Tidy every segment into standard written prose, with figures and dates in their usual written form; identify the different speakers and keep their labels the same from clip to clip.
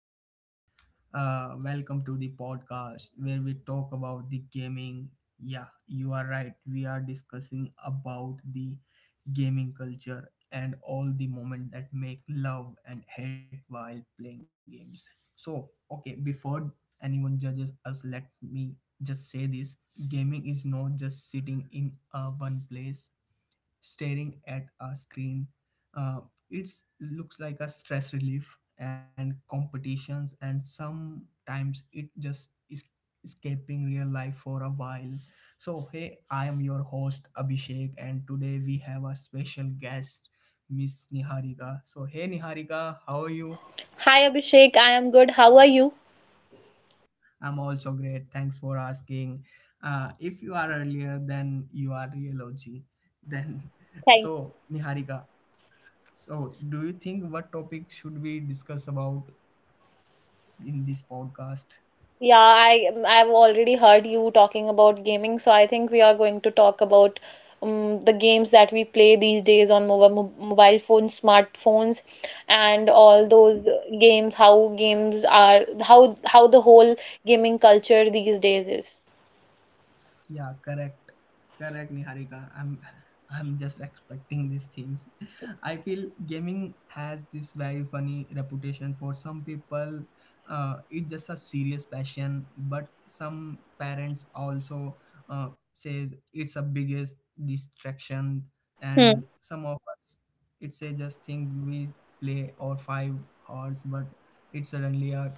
Speaker 1: guys? Welcome to the podcast where we talk about the gaming. Yeah, you are right. We are discussing about the gaming culture and all the moments that make love and hate while playing games. So, okay, Before anyone judges us, let me just say this: gaming is not just sitting in one place staring at a screen. Uh, it looks like a stress relief and competitions, and sometimes it just is escaping real life for a while. So, hey, I am your host Abhishek, and today we have a special guest, Miss Niharika. So, hey, Niharika, how are you?
Speaker 2: Hi Abhishek, I am good. How are you?
Speaker 1: I'm also great. Thanks for asking. If you are earlier, then you are real OG. Then,
Speaker 2: Thanks.
Speaker 1: so Niharika, so, do you think what topic should we discuss about in this podcast?
Speaker 2: Yeah, I've already heard you talking about gaming, so I think we are going to talk about the games that we play these days on mobile phones, smartphones, and all those games, how games are, how the whole gaming culture these days is.
Speaker 1: Yeah, correct. Correct, Niharika. I'm just expecting these things. I feel gaming has this very funny reputation for some people. It's just a serious passion, but some parents also says it's a biggest distraction,
Speaker 2: Hmm.
Speaker 1: and some of us it's a just thing we play or 5 hours, but it's suddenly a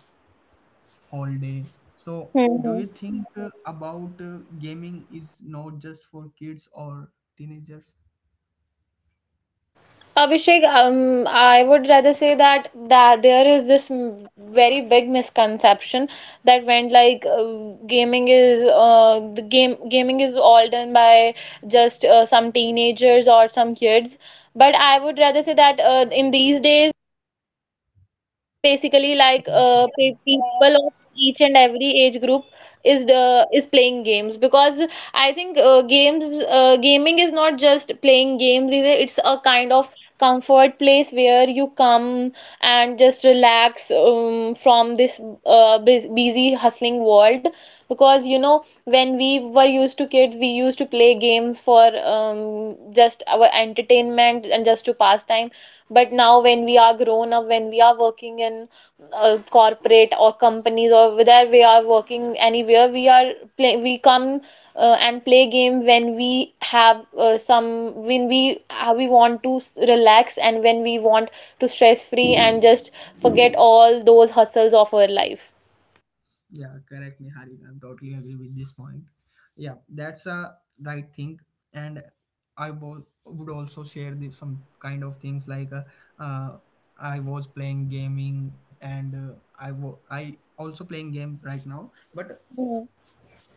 Speaker 1: all day. So,
Speaker 2: Hmm.
Speaker 1: do
Speaker 2: Hmm.
Speaker 1: you think about gaming is not just for kids or teenagers?
Speaker 2: Abhishek, I would rather say that there is this very big misconception that went like gaming is the game gaming is all done by just some teenagers or some kids. But I would rather say that in these days it's basically like people of each and every age group is playing games because I think games gaming is not just playing games either. It's a kind of comfort place where you come and just relax, from this busy hustling world, because you know when we were used to kids we used to play games for, just our entertainment and just to pass time. But now, when we are grown up, when we are working in, corporate or companies, or whether we are working anywhere, we come, and play game when we have, some when we want to relax, and when we want to stress free and just forget all those hustles of our life.
Speaker 1: Yeah, correct, Niharika. I'm totally agree with this point. Yeah, that's a right thing, and would also share this, some kind of things like uh, I was playing gaming, and uh, I also playing game right now. But
Speaker 2: Hmm.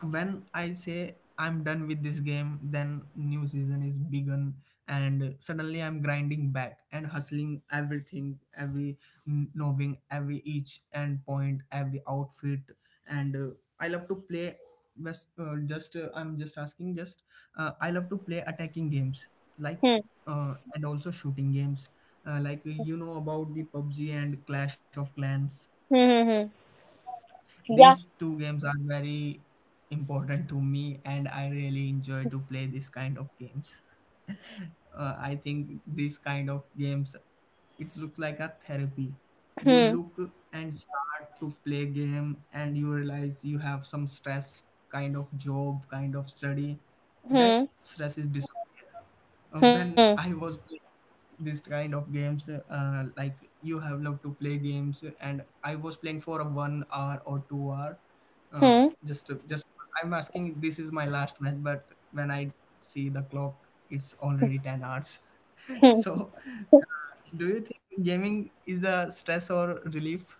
Speaker 1: when I say I'm done with this game, then new season is begun, and suddenly I'm grinding back and hustling everything, every knobbing, every each and point, every outfit, and I love to play. Just I'm just asking. Just I love to play attacking games like
Speaker 2: Hmm.
Speaker 1: and also shooting games like you know about the PUBG and Clash of Clans.
Speaker 2: Hmm. Hmm. Hmm.
Speaker 1: These
Speaker 2: Yeah.
Speaker 1: two games are very important to me, and I really enjoy to play this kind of games. I think these kind of games, it looks like a therapy. You
Speaker 2: Hmm.
Speaker 1: look and start to play game and you realize you have some stress, kind of job, kind of study, that
Speaker 2: Hmm.
Speaker 1: stress is
Speaker 2: Hmm.
Speaker 1: when I was playing this kind of games, like you have loved to play games and I was playing for a 1 hour or 2 hour. Uh,
Speaker 2: Hmm.
Speaker 1: just I'm asking, this is my last match, but when I see the clock it's already 10 hours.
Speaker 2: Hmm.
Speaker 1: So do you think gaming is a stress or relief?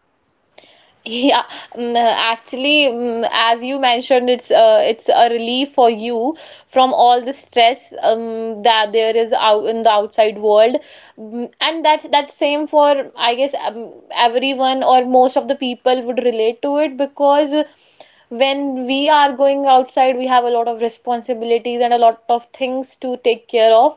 Speaker 2: Yeah, actually, as you mentioned, it's a relief for you from all the stress, that there is out in the outside world. And that's same for, I guess, everyone or most of the people would relate to it, because when we are going outside, we have a lot of responsibilities and a lot of things to take care of.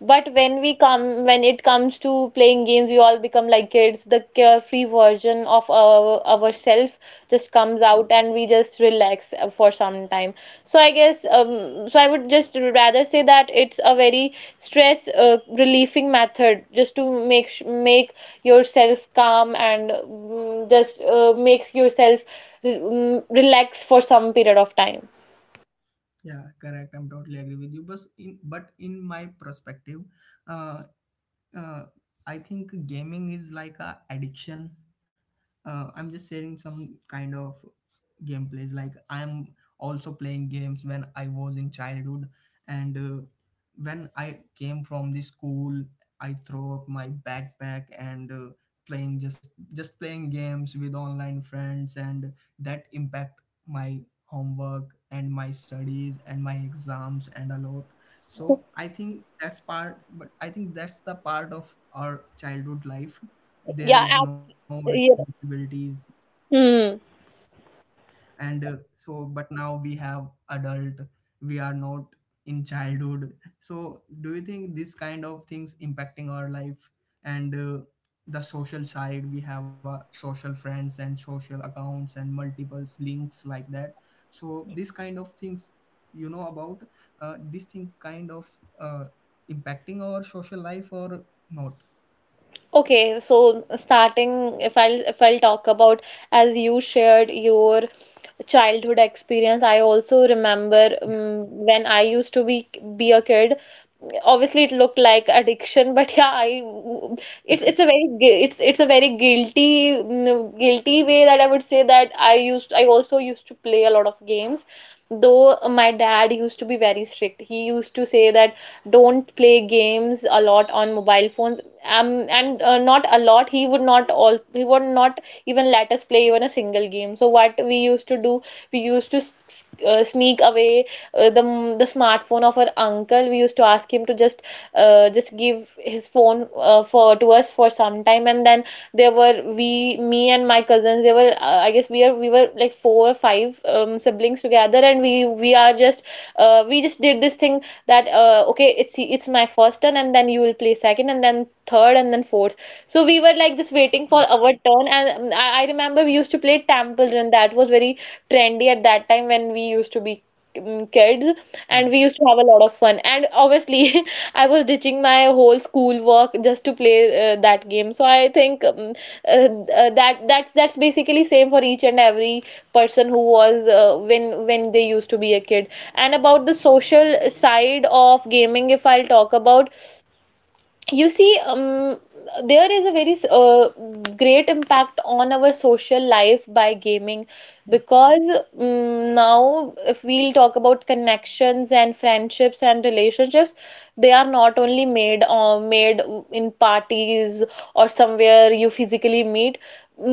Speaker 2: But when it comes to playing games, we all become like kids. The carefree version of ourself just comes out, and we just relax for some time. So I guess, so I would just rather say that it's a very stress relieving method, just to make make yourself calm, and, just make yourself, relax for some period of time.
Speaker 1: Yeah, correct, I'm totally agree with you, but in my perspective, uh, uh, I think gaming is like a addiction. I'm just sharing some kind of gameplays. Like, I'm also playing games when I was in childhood, and when I came from the school, I throw up my backpack and playing just playing games with online friends, and that impact my homework and my studies and my exams and a lot. So I think that's part, but I think that's the part of our childhood life. There
Speaker 2: Yeah.
Speaker 1: is no
Speaker 2: Yeah.
Speaker 1: responsibilities,
Speaker 2: Hmm.
Speaker 1: and so but now we have adult, we are not in childhood. So do you think this kind of things impacting our life, and the social side, we have a social friends and social accounts and multiples links like that. So this kind of things, you know about, this thing kind of uh, impacting our social life or not?
Speaker 2: Okay, so starting, if I'll talk about, as you shared your childhood experience, I also remember, when I used to be a kid. Obviously, it looked like addiction, but yeah, it's a very guilty, guilty way that I would say that I also used to play a lot of games. Though my dad used to be very strict. He used to say that don't play games a lot on mobile phones, and, not a lot. He would not even let us play even a single game. So what we used to do, we used to sneak away uh, the the smartphone of our uncle. We used to ask him to just, just give his phone, for to us for some time, and then there were, we me and my cousins. There were, I guess we are we were like four or five, siblings together, and we just did this thing that, okay, it's my first turn, and then you will play second and then third and then fourth. So we were like just waiting for our turn, and, I remember we used to play Temple Run. That was very trendy at that time when we used to be, kids,
Speaker 1: Yeah,
Speaker 2: and we used to have a lot of fun, and obviously I was ditching my whole school work just to play that game. So I think, that's basically same for each and every person who was, when they used to be a kid. And about the social side of gaming, if I'll talk about, you see, there is a very great impact on our social life by gaming, because, now, if we'll talk about connections and friendships and relationships, they are not only made, made in parties or somewhere you physically meet.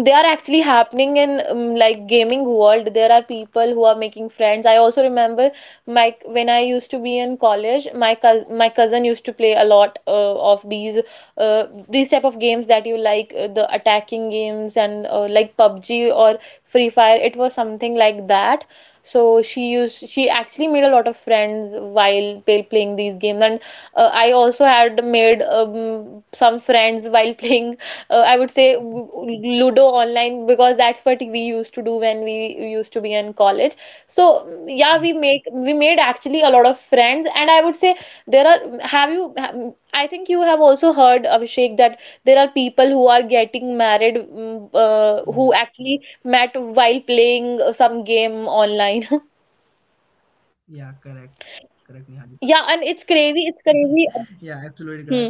Speaker 2: They are actually happening in, like, gaming world. There are people who are making friends. I also remember, my when I used to be in college, my cousin used to play a lot, of these, type of games that you like, the attacking games, and, like PUBG or Free Fire. It was something like that. So she actually made a lot of friends while playing these games, and, I also had made, some friends while playing. I would say Ludo online, because that's what we used to do when we used to be in college. So, yeah,
Speaker 1: yeah,
Speaker 2: we made actually a lot of friends, and I would say there are. Have you? I think you have also heard, Abhishek, that there are people who are getting married, who
Speaker 1: yeah,
Speaker 2: actually met while playing some game online.
Speaker 1: yeah, correct. Correct, Nihal.
Speaker 2: Yeah, and it's crazy. It's
Speaker 1: Yeah,
Speaker 2: crazy.
Speaker 1: absolutely correct.
Speaker 2: Hmm.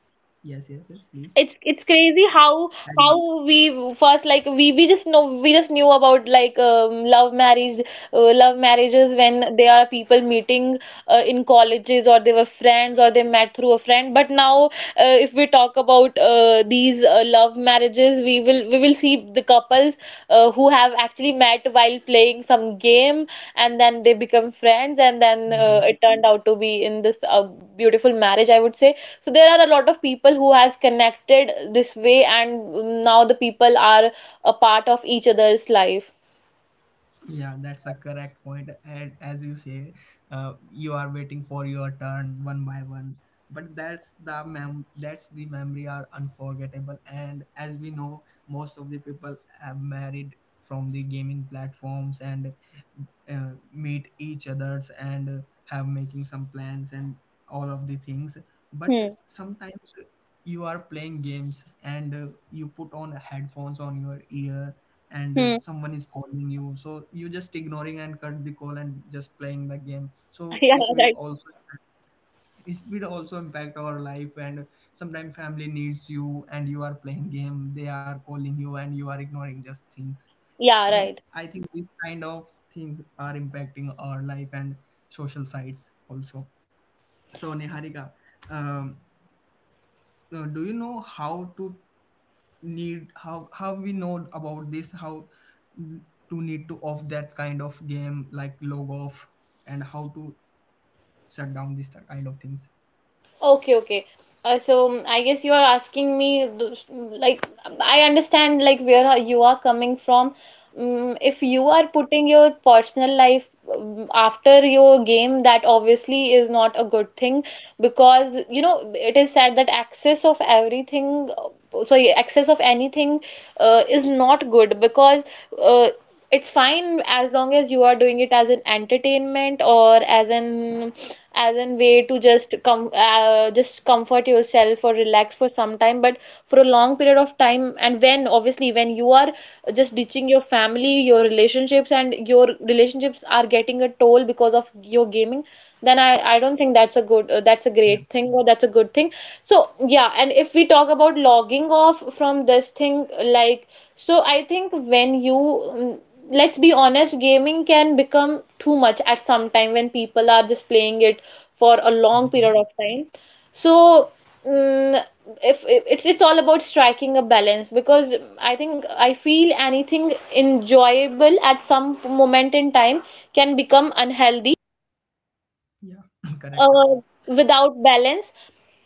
Speaker 1: Yes, yes, yes, please.
Speaker 2: It's crazy how
Speaker 1: As you,
Speaker 2: we first like we just knew about, like, love marriage, love marriages when they are people meeting, in colleges, or they were friends, or they met through a friend, but now, if we talk about these love marriages, we will see the couples, who have actually met while playing some game, and then they become friends, and then,
Speaker 1: mhm.
Speaker 2: it turned out to be in this, beautiful marriage, I would say. So there are a lot of people who has connected this way, and, now the people are a part of each other's life.
Speaker 1: Yeah, that's a correct point. And as you say, you are waiting for your turn one by one. But that's the mem that's the memory are unforgettable. And as we know, most of the people have married from the gaming platforms and meet each others and have making some plans and all of the things. But
Speaker 2: Hmm.
Speaker 1: sometimes you are playing games and you put on headphones on your ear, and
Speaker 2: Hmm.
Speaker 1: someone is calling you, so you just ignoring and cut the call and just playing the game. So
Speaker 2: Yeah,
Speaker 1: it will
Speaker 2: right.
Speaker 1: also it will also impact our life, and sometimes family needs you and you are playing game, they are calling you and you are ignoring just things.
Speaker 2: Yeah,
Speaker 1: So
Speaker 2: right.
Speaker 1: I think these kind of things are impacting our life and social sites also. So, Niharika, um, do you know how to need how we know about this, how to need to off that kind of game, like log off, and how to shut down this kind of things?
Speaker 2: Okay, okay. So I guess you are asking me, like, I understand, like, where you are coming from. If you are putting your personal life, after your game, that obviously is not a good thing, because, it is said that access of everything, sorry, access of anything, is not good, because, uh, it's fine as long as you are doing it as an entertainment or as an way to just come just comfort yourself or relax for some time. But for a long period of time, and when, obviously, when you are just ditching your family, your relationships, and your relationships are getting a toll because of your gaming, then I don't think that's a good that's a
Speaker 1: Yeah.
Speaker 2: great thing, or that's a good thing. So yeah, and if we talk about logging off from this thing, like, so I think, let's be honest, gaming can become too much at some time when people are just playing it for a long period
Speaker 1: Hmm.
Speaker 2: of time. So, mm, if, it's all about striking a balance, because I feel anything enjoyable at some moment in time can become unhealthy,
Speaker 1: Yeah. Correct.
Speaker 2: uh, without balance.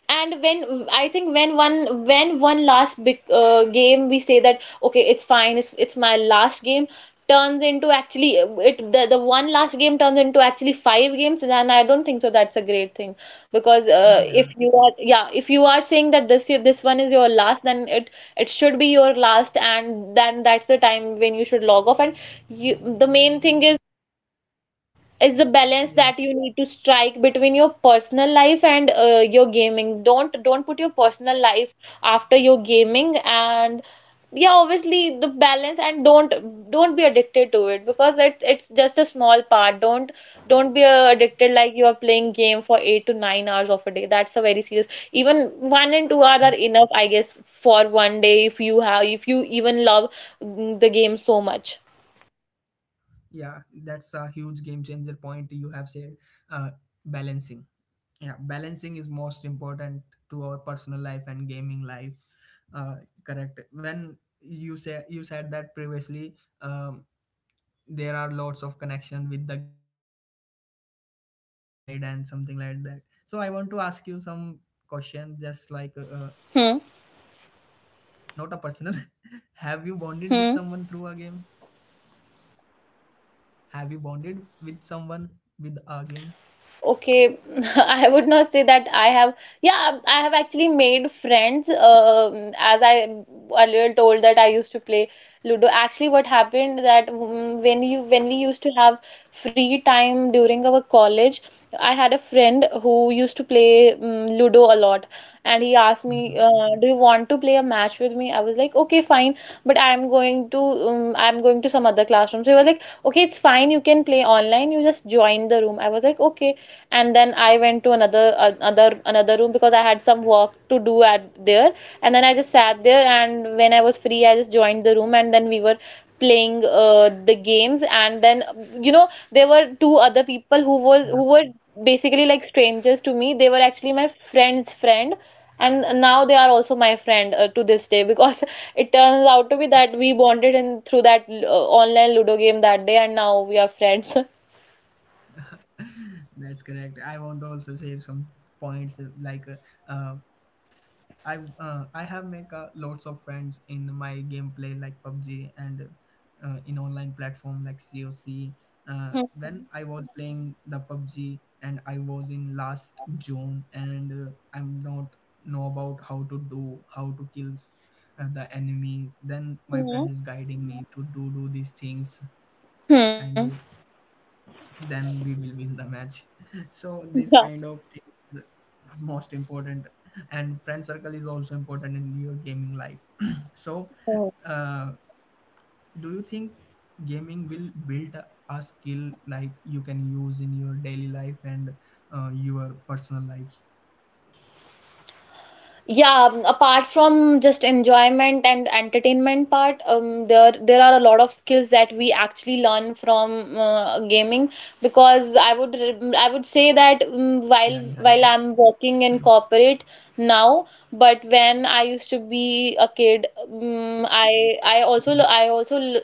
Speaker 2: And when I think when one last big, game, we say that, okay, it's fine, it's my last game, turns into actually, the one last game turns into actually five games, then I don't think so that's a great thing, because,
Speaker 1: Mhm, yeah.
Speaker 2: if you are yeah if you are saying that this this one is your last, then it should be your last, and then that's the time when you should log off. And you the main thing is the balance
Speaker 1: Yeah.
Speaker 2: that you need to strike between your personal life and, your gaming. Don't put your personal life after your gaming. And yeah, obviously, the balance, and don't be addicted to it, because it's just a small part. Don't be, addicted, like you are playing game for 8 to 9 hours of a day. That's a very serious. Even 1 and 2 hours
Speaker 1: Mhm.
Speaker 2: are enough, I guess, for one day, if you have if you even love, the game so much.
Speaker 1: Yeah, that's a huge game changer point you have said. uh, Balancing, yeah, balancing is most important to our personal life and gaming life. uh, Correct, when you say, you said that previously, um, there are lots of connection with the gaming platform Arid and something like that. So I want to ask you some question, just like not a personal.
Speaker 2: Hmm.
Speaker 1: Have you bonded with someone through a game?
Speaker 2: Hmm.
Speaker 1: Have you bonded with someone with a game?
Speaker 2: Okay, I would not say that I have. Yeah, I have actually made friends. As I earlier told that I used to play Ludo. Actually, what happened that, when we used to have free time during our college, I had a friend who used to play Ludo a lot, and he asked me,
Speaker 1: Hmm.
Speaker 2: "Do you want to play a match with me?" I was like, "Okay, fine," but I'm going to, some other classroom. So he was like, "Okay, it's fine. You can play online. You just join the room." I was like, "Okay." And then I went to another another room because I had some work to do at there. And then I just sat there, and when I was free I just joined the room, and then we were playing the games. And then you know there were two other people who was who
Speaker 1: Yeah,
Speaker 2: were basically like strangers to me. They were actually my friend's friend, and now they are also my friend to this day because it turns out to be that we bonded in through that online ludo game that day, and now we are friends
Speaker 1: that's correct. I want to also share some points uh, I have make lots of friends in my gameplay like PUBG and in online platform like COC. When I was playing the PUBG and I was in last June and I'm not know about how to kills the enemy. Then my
Speaker 2: hmm
Speaker 1: friend is guiding me to do these things,
Speaker 2: Hmm.
Speaker 1: and then we will win the match. So
Speaker 2: Yeah.
Speaker 1: this kind of thing are most important, and friend circle is also important in your gaming life. So
Speaker 2: Oh.
Speaker 1: uh, do you think gaming will build a skill like you can use in your daily life and your personal lives?
Speaker 2: Yeah, apart from just enjoyment and entertainment part, there are a lot of skills that we actually learn from gaming, because I would I would say
Speaker 1: Yeah,
Speaker 2: that
Speaker 1: Niharika.
Speaker 2: while I'm working in corporate now, but when I used to be a kid, I also l-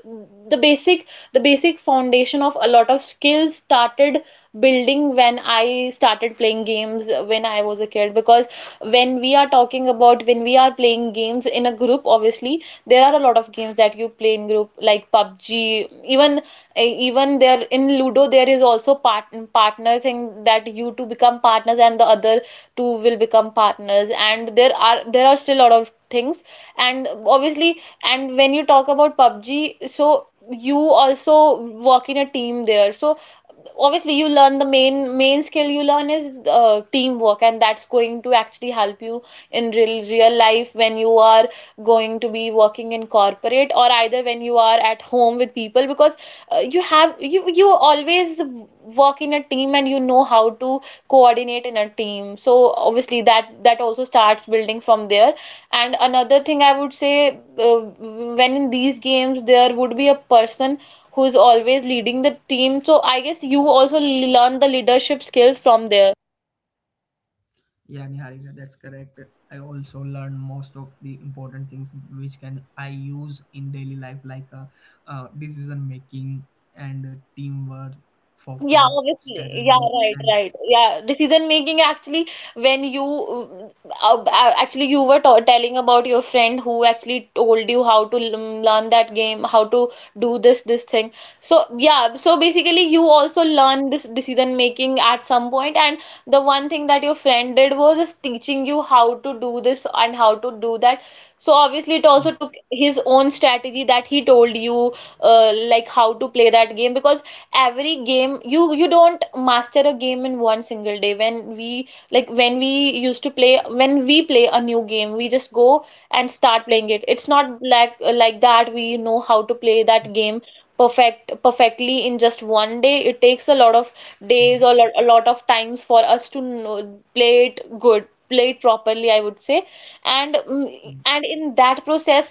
Speaker 2: the basic foundation of a lot of skills started building when I started playing games when I was a kid. Because when we are talking about, when we are playing games in a group, obviously there are a lot of games that you play in group like PUBG. Even even there in Ludo there is also partner thing, that you two become partners and the other two will become partners, and there are still a lot of things. And obviously, and when you talk about PUBG, so you also work in a team there. So obviously you learn the main skill you learn is teamwork, and that's going to actually help you in real life when you are going to be working in corporate, or either when you are at home with people. Because you have you always work in a team, and you know how to coordinate in a team. So obviously that also starts building from there. And another thing I would say, when in these games there would be a person who's always leading the team. So I guess you also learn the leadership skills from there.
Speaker 1: Yeah, Niharika, that's correct. I also learn most of the important things which can I use in daily life, like decision making and teamwork,
Speaker 2: Yeah,
Speaker 1: focus,
Speaker 2: obviously.
Speaker 1: strategy,
Speaker 2: Yeah, right,
Speaker 1: and
Speaker 2: right. Yeah, decision making actually when you actually you were t telling about your friend who actually told you how to learn that game, how to do this thing. So yeah, so basically you also learn this decision making at some point. And the one thing that your friend did was just teaching you how to do this and how to do that. So obviously it
Speaker 1: yeah,
Speaker 2: also took his own strategy that he told you like how to play that game. Because every game, you don't master a game in one single day. When we like, when we used to play, when we play a new game we just go and start playing it. It's not like that we know how to play that game perfectly in just one day. It takes a lot of days
Speaker 1: mhm.
Speaker 2: or a lot of times for us to know, play it good, play it properly, I would say. And
Speaker 1: Mhm.
Speaker 2: and in that process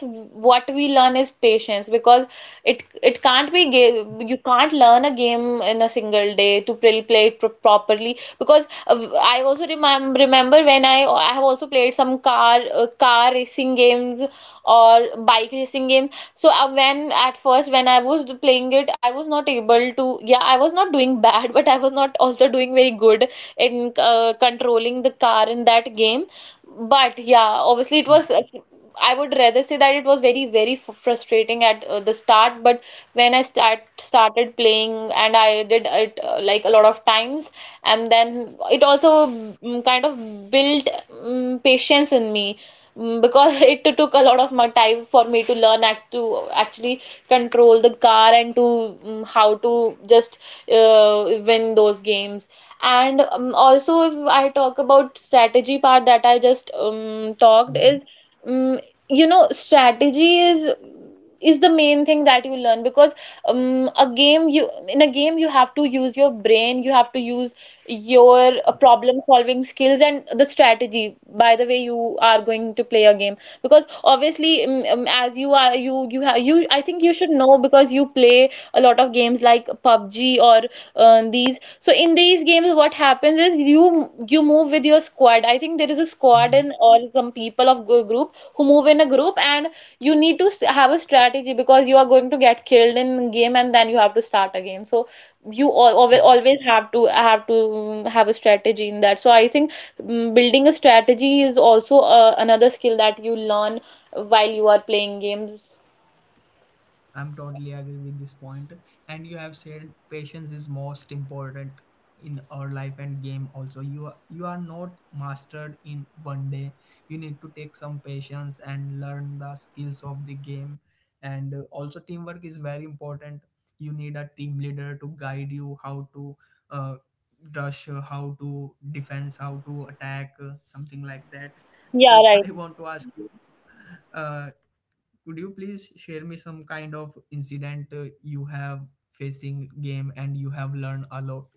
Speaker 2: what we learn is patience, because it can't be game you can't learn a game in a single day to play it properly. Because I also remember when I have also played some car racing games or bike racing games. So when at first when I was playing it, I was not able to. Yeah, I was not doing bad, but I was not also doing very good in controlling the car in that game. But yeah, obviously it
Speaker 1: Yeah.
Speaker 2: was, I would rather say that it was very, very f frustrating at the start. But when I started playing and I did it like a lot of times, and then it also kind of built patience in me, because it took a lot of my time for me to learn actually control the car, and to mm how to just uh, win those games. And also, if I talk about strategy part that I just talked
Speaker 1: Mhm.
Speaker 2: is, mm, you know, strategy is the main thing that you learn. Because a game, you, in a game you have to use your brain, you have to use your
Speaker 1: Yeah.
Speaker 2: problem solving skills and the strategy by the way you are going to play a game. Because obviously as you are you you have you I think you should know, because you play a lot of games like PUBG or these. So in these games what happens is, you move with your squad. I think there is a squad
Speaker 1: Mhm.
Speaker 2: in, or some people of group who move in a group, and you need to have a strategy. Because you are going to get killed in game, and then you have to start again. So you
Speaker 1: Mhm.
Speaker 2: always have to have a strategy in that. So I think, mm, building a strategy is also another skill that you learn while you are playing games.
Speaker 1: I'm totally agree with this point. And you have said patience is most important in our life and game also. You are not mastered in one day. You need to take some patience and learn the skills of the game. And also teamwork is very important. You need a team leader to guide you how to uh, rush, how to defense, how to attack, something like that.
Speaker 2: Yeah,
Speaker 1: So
Speaker 2: right.
Speaker 1: I want to ask you, uh, could you please share me some kind of incident you have facing game and you have learned a lot,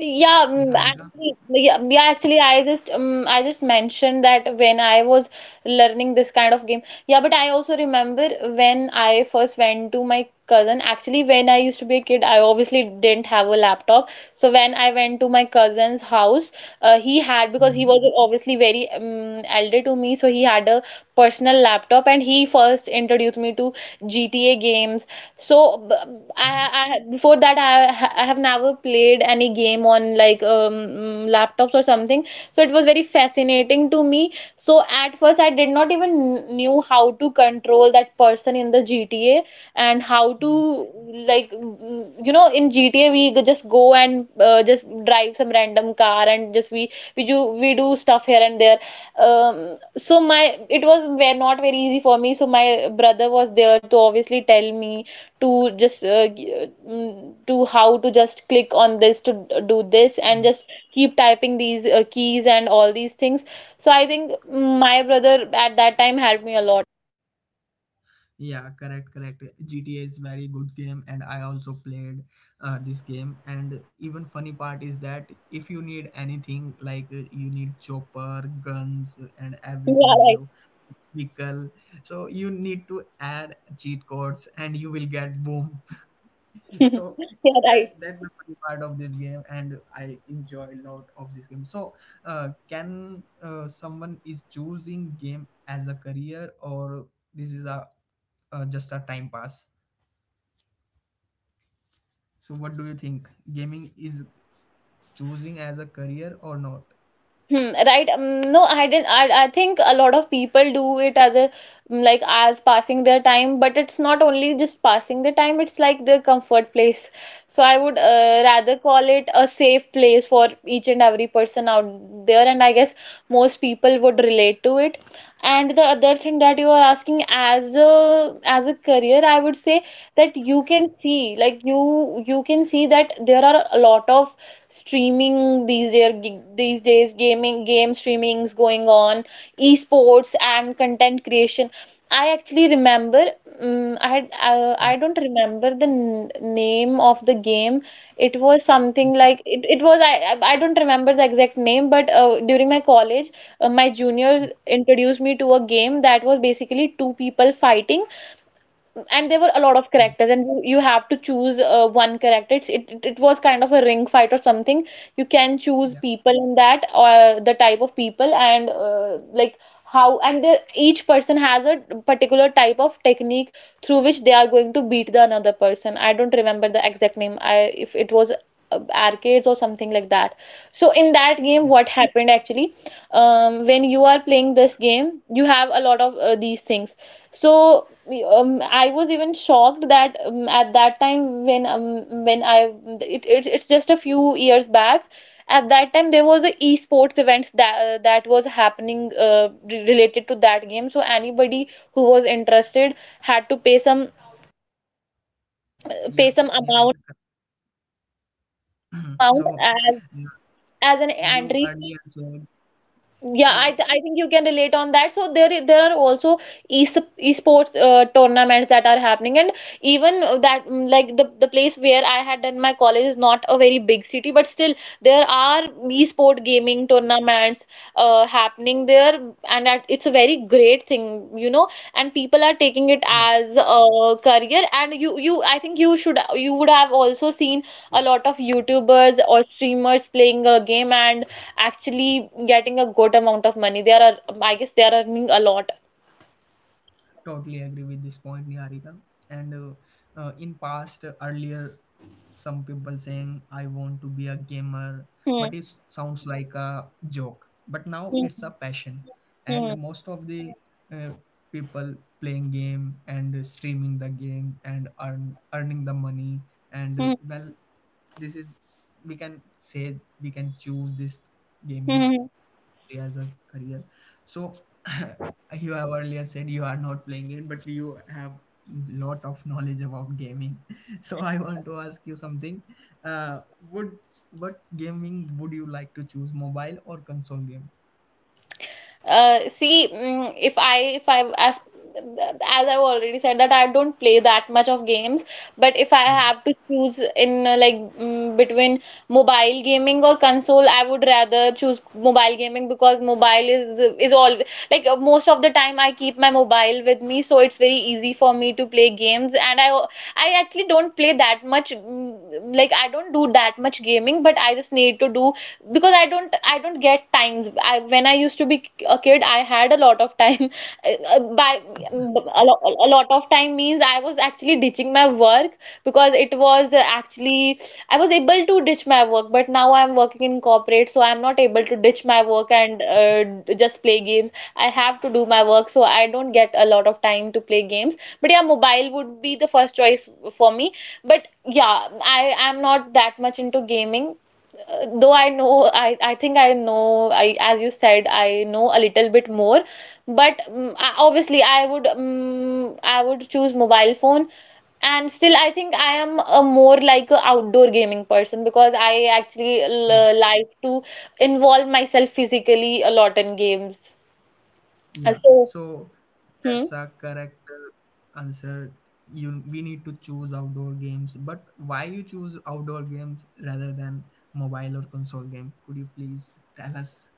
Speaker 2: Yeah,
Speaker 1: Niharika.
Speaker 2: actually, yeah, yeah, actually, I just mentioned that when I was learning this kind of game. Yeah, but I also remember when I first went to my cousin. Actually, when I used to be a kid, I obviously didn't have a laptop. So when I went to my cousin's house, he had, because he was
Speaker 1: Mhm,
Speaker 2: obviously very elder to me, so he had a personal laptop, and he first introduced me to GTA games. So b-
Speaker 1: mhm,
Speaker 2: I before that I have never played any game on like laptops or something. So it was very fascinating to me. So at first I did not even knew how to control that person in the GTA, and how to
Speaker 1: mhm,
Speaker 2: like mm, you know, in GTA we just go and just drive some random car, and just we do stuff here and there. Um, so my, it was not very easy for me, so my brother was there to obviously tell me to just to how to just click on this to do this, and
Speaker 1: mhm.
Speaker 2: just keep typing these keys and all these things. So I think my brother at that time helped me a lot.
Speaker 1: Yeah, correct, correct. GTA is very good game, and I also played this game, and even funny part is that if you need anything like you need chopper guns and
Speaker 2: Yeah,
Speaker 1: everything,
Speaker 2: right.
Speaker 1: you vehicle, so you need to add cheat codes and you will get boom. So
Speaker 2: Yeah,
Speaker 1: that's
Speaker 2: right.
Speaker 1: the funny part of this game, and I enjoy a lot of this game. So can someone is choosing game as a career, or this is a just a time pass? So what do you think gaming is, choosing as a career or not?
Speaker 2: Hmm, right. No, I didn't. I think a lot of people do it as a like as passing their time, but it's not only just passing the time, it's like the comfort place. So I would rather call it a safe place for each and every person out there, and I guess most people would relate to it. And the other thing that you are asking as a career, I would say that you can see, like you can see that there are a lot of streaming these year these days, gaming, game streamings going on, esports and content creation. I actually remember I had
Speaker 1: Yeah,
Speaker 2: I don't remember the name of the game. It was something like it was I don't remember the exact name, but during my college, my junior
Speaker 1: yeah,
Speaker 2: introduced me to a game that was basically two people fighting, and there were a lot
Speaker 1: yeah,
Speaker 2: of characters, and you have to choose one character. It's, it it was kind of a ring fight or something. You can
Speaker 1: yeah,
Speaker 2: choose people in that, or the type of people, and like how. And there, each person has a particular type of technique through which they are going to beat the another person. I don't remember the exact name, I if it was arcades or something like that. So in that
Speaker 1: yeah.
Speaker 2: game what happened actually, when you are playing this game you have a lot of these things. So I was even shocked that at that time when I it, it it's just a few years back. At that time there was a esports events that that was happening related to that game. So anybody who was interested had to
Speaker 1: Yeah,
Speaker 2: pay some amount
Speaker 1: Niharika.
Speaker 2: pay some amount
Speaker 1: So
Speaker 2: as an
Speaker 1: you
Speaker 2: entry.
Speaker 1: earlier said,
Speaker 2: Yeah,
Speaker 1: yeah,
Speaker 2: I, th I think you can relate on that. So there are also es esports tournaments that are happening, and even, like the place where I had done my college is not a very big city, but still there are esport gaming tournaments happening there, and that it's a very great thing, you know. And people are
Speaker 1: yeah.
Speaker 2: taking it as a career, and you I think you should you would have also seen a lot of YouTubers or streamers playing a game and actually getting a good amount of money. They are, I guess, they are earning a lot.
Speaker 1: Totally agree with this point, Niharika. And in past, earlier, some people saying I want to be a gamer, but
Speaker 2: Hmm.
Speaker 1: it sounds like a joke, but
Speaker 2: Hmm.
Speaker 1: now it's a passion,
Speaker 2: Hmm.
Speaker 1: and most of the uh, people playing game and streaming the game and earning the money, and
Speaker 2: Hmm.
Speaker 1: well, this is, we can say, we can choose this gaming
Speaker 2: Hmm.
Speaker 1: as a career. So you have earlier said you are not playing it, but you have lot of knowledge about gaming. So I want to ask you something. Would what gaming would you like to choose, mobile or console game?
Speaker 2: See, if I I've, as I've already said that I don't play that much of games, but if I
Speaker 1: Yeah,
Speaker 2: have to choose in, like, between mobile gaming or console, I would rather choose mobile gaming because mobile is all, like, most of the time I keep my mobile with me, so it's very easy for me to play games. And I actually don't play that much, like I don't do that much gaming, but I just need to do because I don't get times I when I used to be a kid, I had a lot of time. By a lot of time means I was actually ditching my work, because it was, actually, I was able to ditch my work. But now I'm working in corporate, so I'm not able to ditch my work and just play games. I have to do my work, so I don't get a lot of time to play games. But yeah, mobile would be the first choice for me. But yeah, I am not that much into gaming. Though I think I know, I as you said, I know a little bit more, but obviously I would choose mobile phone. And still I think I am a more like a outdoor gaming person because I actually
Speaker 1: yeah,
Speaker 2: l like to involve myself physically a lot in games.
Speaker 1: yeah.
Speaker 2: So,
Speaker 1: So
Speaker 2: hmm.
Speaker 1: that's a correct answer. You, we need to choose outdoor games, but why you choose outdoor games rather than mobile or console game? Could you please tell us?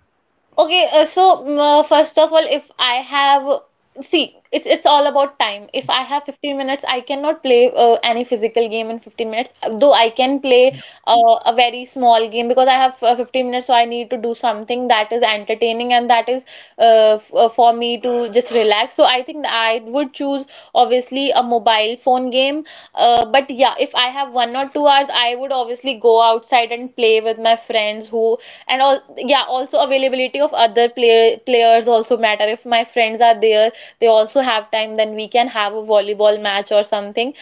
Speaker 2: Okay, so, first of all, if I have see, it's all about time. If I have 15 minutes, I cannot play any physical game in 15 minutes. Though I can play
Speaker 1: Yeah,
Speaker 2: a very small game because I have 15 minutes, so I need to do something that is entertaining and that is for me to just relax. So I think I would choose obviously a mobile phone game. But yeah, if I have 1 or 2 hours, I would obviously go outside and play with my friends, who and all. Yeah, also availability of other players also matter. If my friends are there, they also have time, then we can have a volleyball match or something.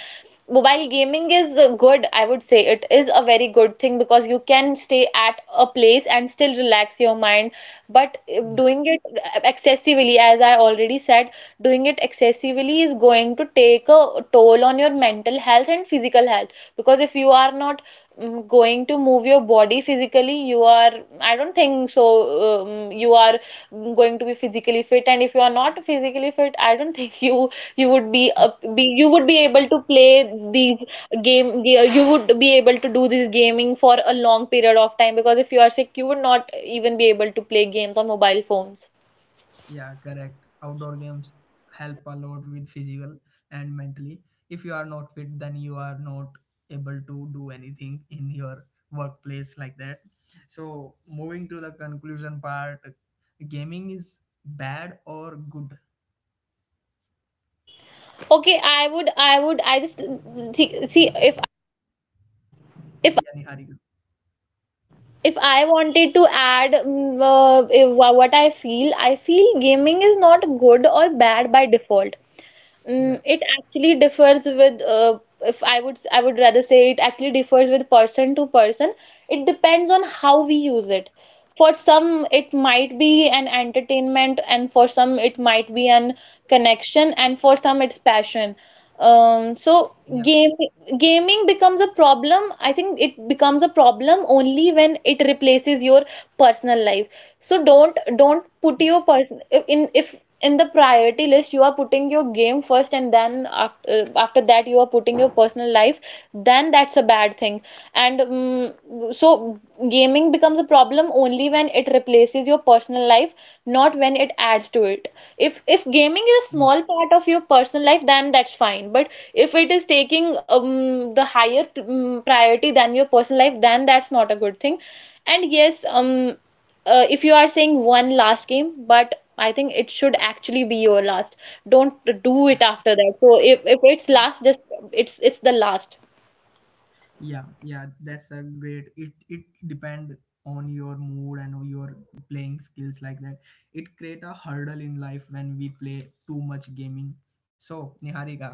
Speaker 2: Mobile gaming is good, I would say. It is a very good thing because you can stay at a place and still relax your mind. But,
Speaker 1: yeah.
Speaker 2: doing it excessively as I already said, doing it excessively is going to take a toll on your mental health and physical health. Because if you are not going to move your body physically, you are I don't think so you are going to be physically fit. And if you are not physically fit, I don't think you would be up be you would be able to play these game. Yeah, you would be able to do this gaming for a long period of time because if you are sick, you would not even be able to play games on mobile phones.
Speaker 1: Yeah, correct. Outdoor games help a lot with physical and mentally. If you are not fit, then you are not able to do anything in your workplace like that. So, moving to the conclusion part, gaming is bad or good?
Speaker 2: Okay, I would I would I just thi- see, if
Speaker 1: Yeah, Niharika.
Speaker 2: if I wanted to add, I feel gaming is not good or bad by default.
Speaker 1: Yeah,
Speaker 2: It actually differs with if I would I would rather say it actually differs with person to person. It depends on how we use it. For some, it might be an entertainment, and for some, it might be an connection, and for some, it's passion. Um, so
Speaker 1: yeah,
Speaker 2: game gaming becomes a problem. I think it becomes a problem only when it replaces your personal life. So don't put
Speaker 1: yeah.
Speaker 2: your person in. If in the priority list you are putting your game first, and then after that you are putting your personal life, then that's a bad thing. And, so gaming becomes a problem only when it replaces your personal life, not when it adds to it. If gaming is a small part of your personal life, then that's fine. But if it is taking, the higher, priority than your personal life, then that's not a good thing. And yes, if you are saying one last game, but I think it should actually be your last. Don't do it after that. So if it's last, just it's the last.
Speaker 1: Yeah, yeah, that's a great. It depend on your mood and on your playing skills like that. It create a hurdle in life when we play too much gaming. So Niharika,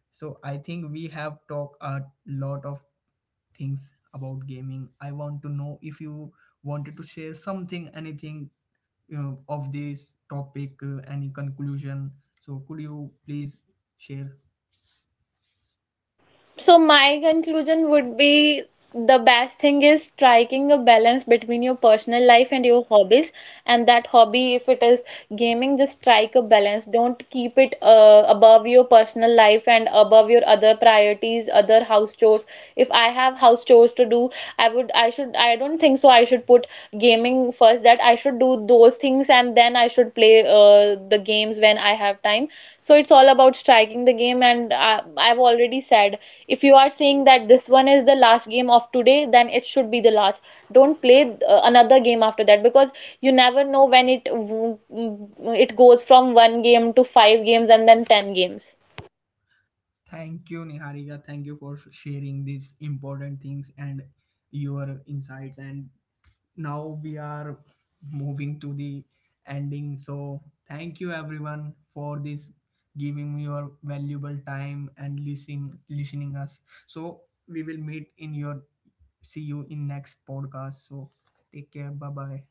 Speaker 1: so I think we have talked a lot of things about gaming. I want to know if you wanted to share something, anything you know, of this topic, any conclusion. So could you please share?
Speaker 2: So, my conclusion would be the best thing is striking a balance between your personal life and your hobbies. And that hobby, if it is gaming, just strike a balance. Don't keep it above your personal life and above your other priorities, other house chores. If I have house chores to do, I would, I should, I don't think so. I should put gaming first, that I should do those things, and then I should play the games when I have time. So it's all about striking the game. And I've already said, if you are saying that this one is the last game of today, then it should be the last. Don't play another game after that, because you never know when it goes from one game to five games and then 10 games.
Speaker 1: Thank you, Niharika. Thank you for sharing these important things and your insights. And now we are moving to the ending. So, thank you everyone for this giving your valuable time and listening us. So, we will meet in your see you in next podcast. So, take care. Bye bye.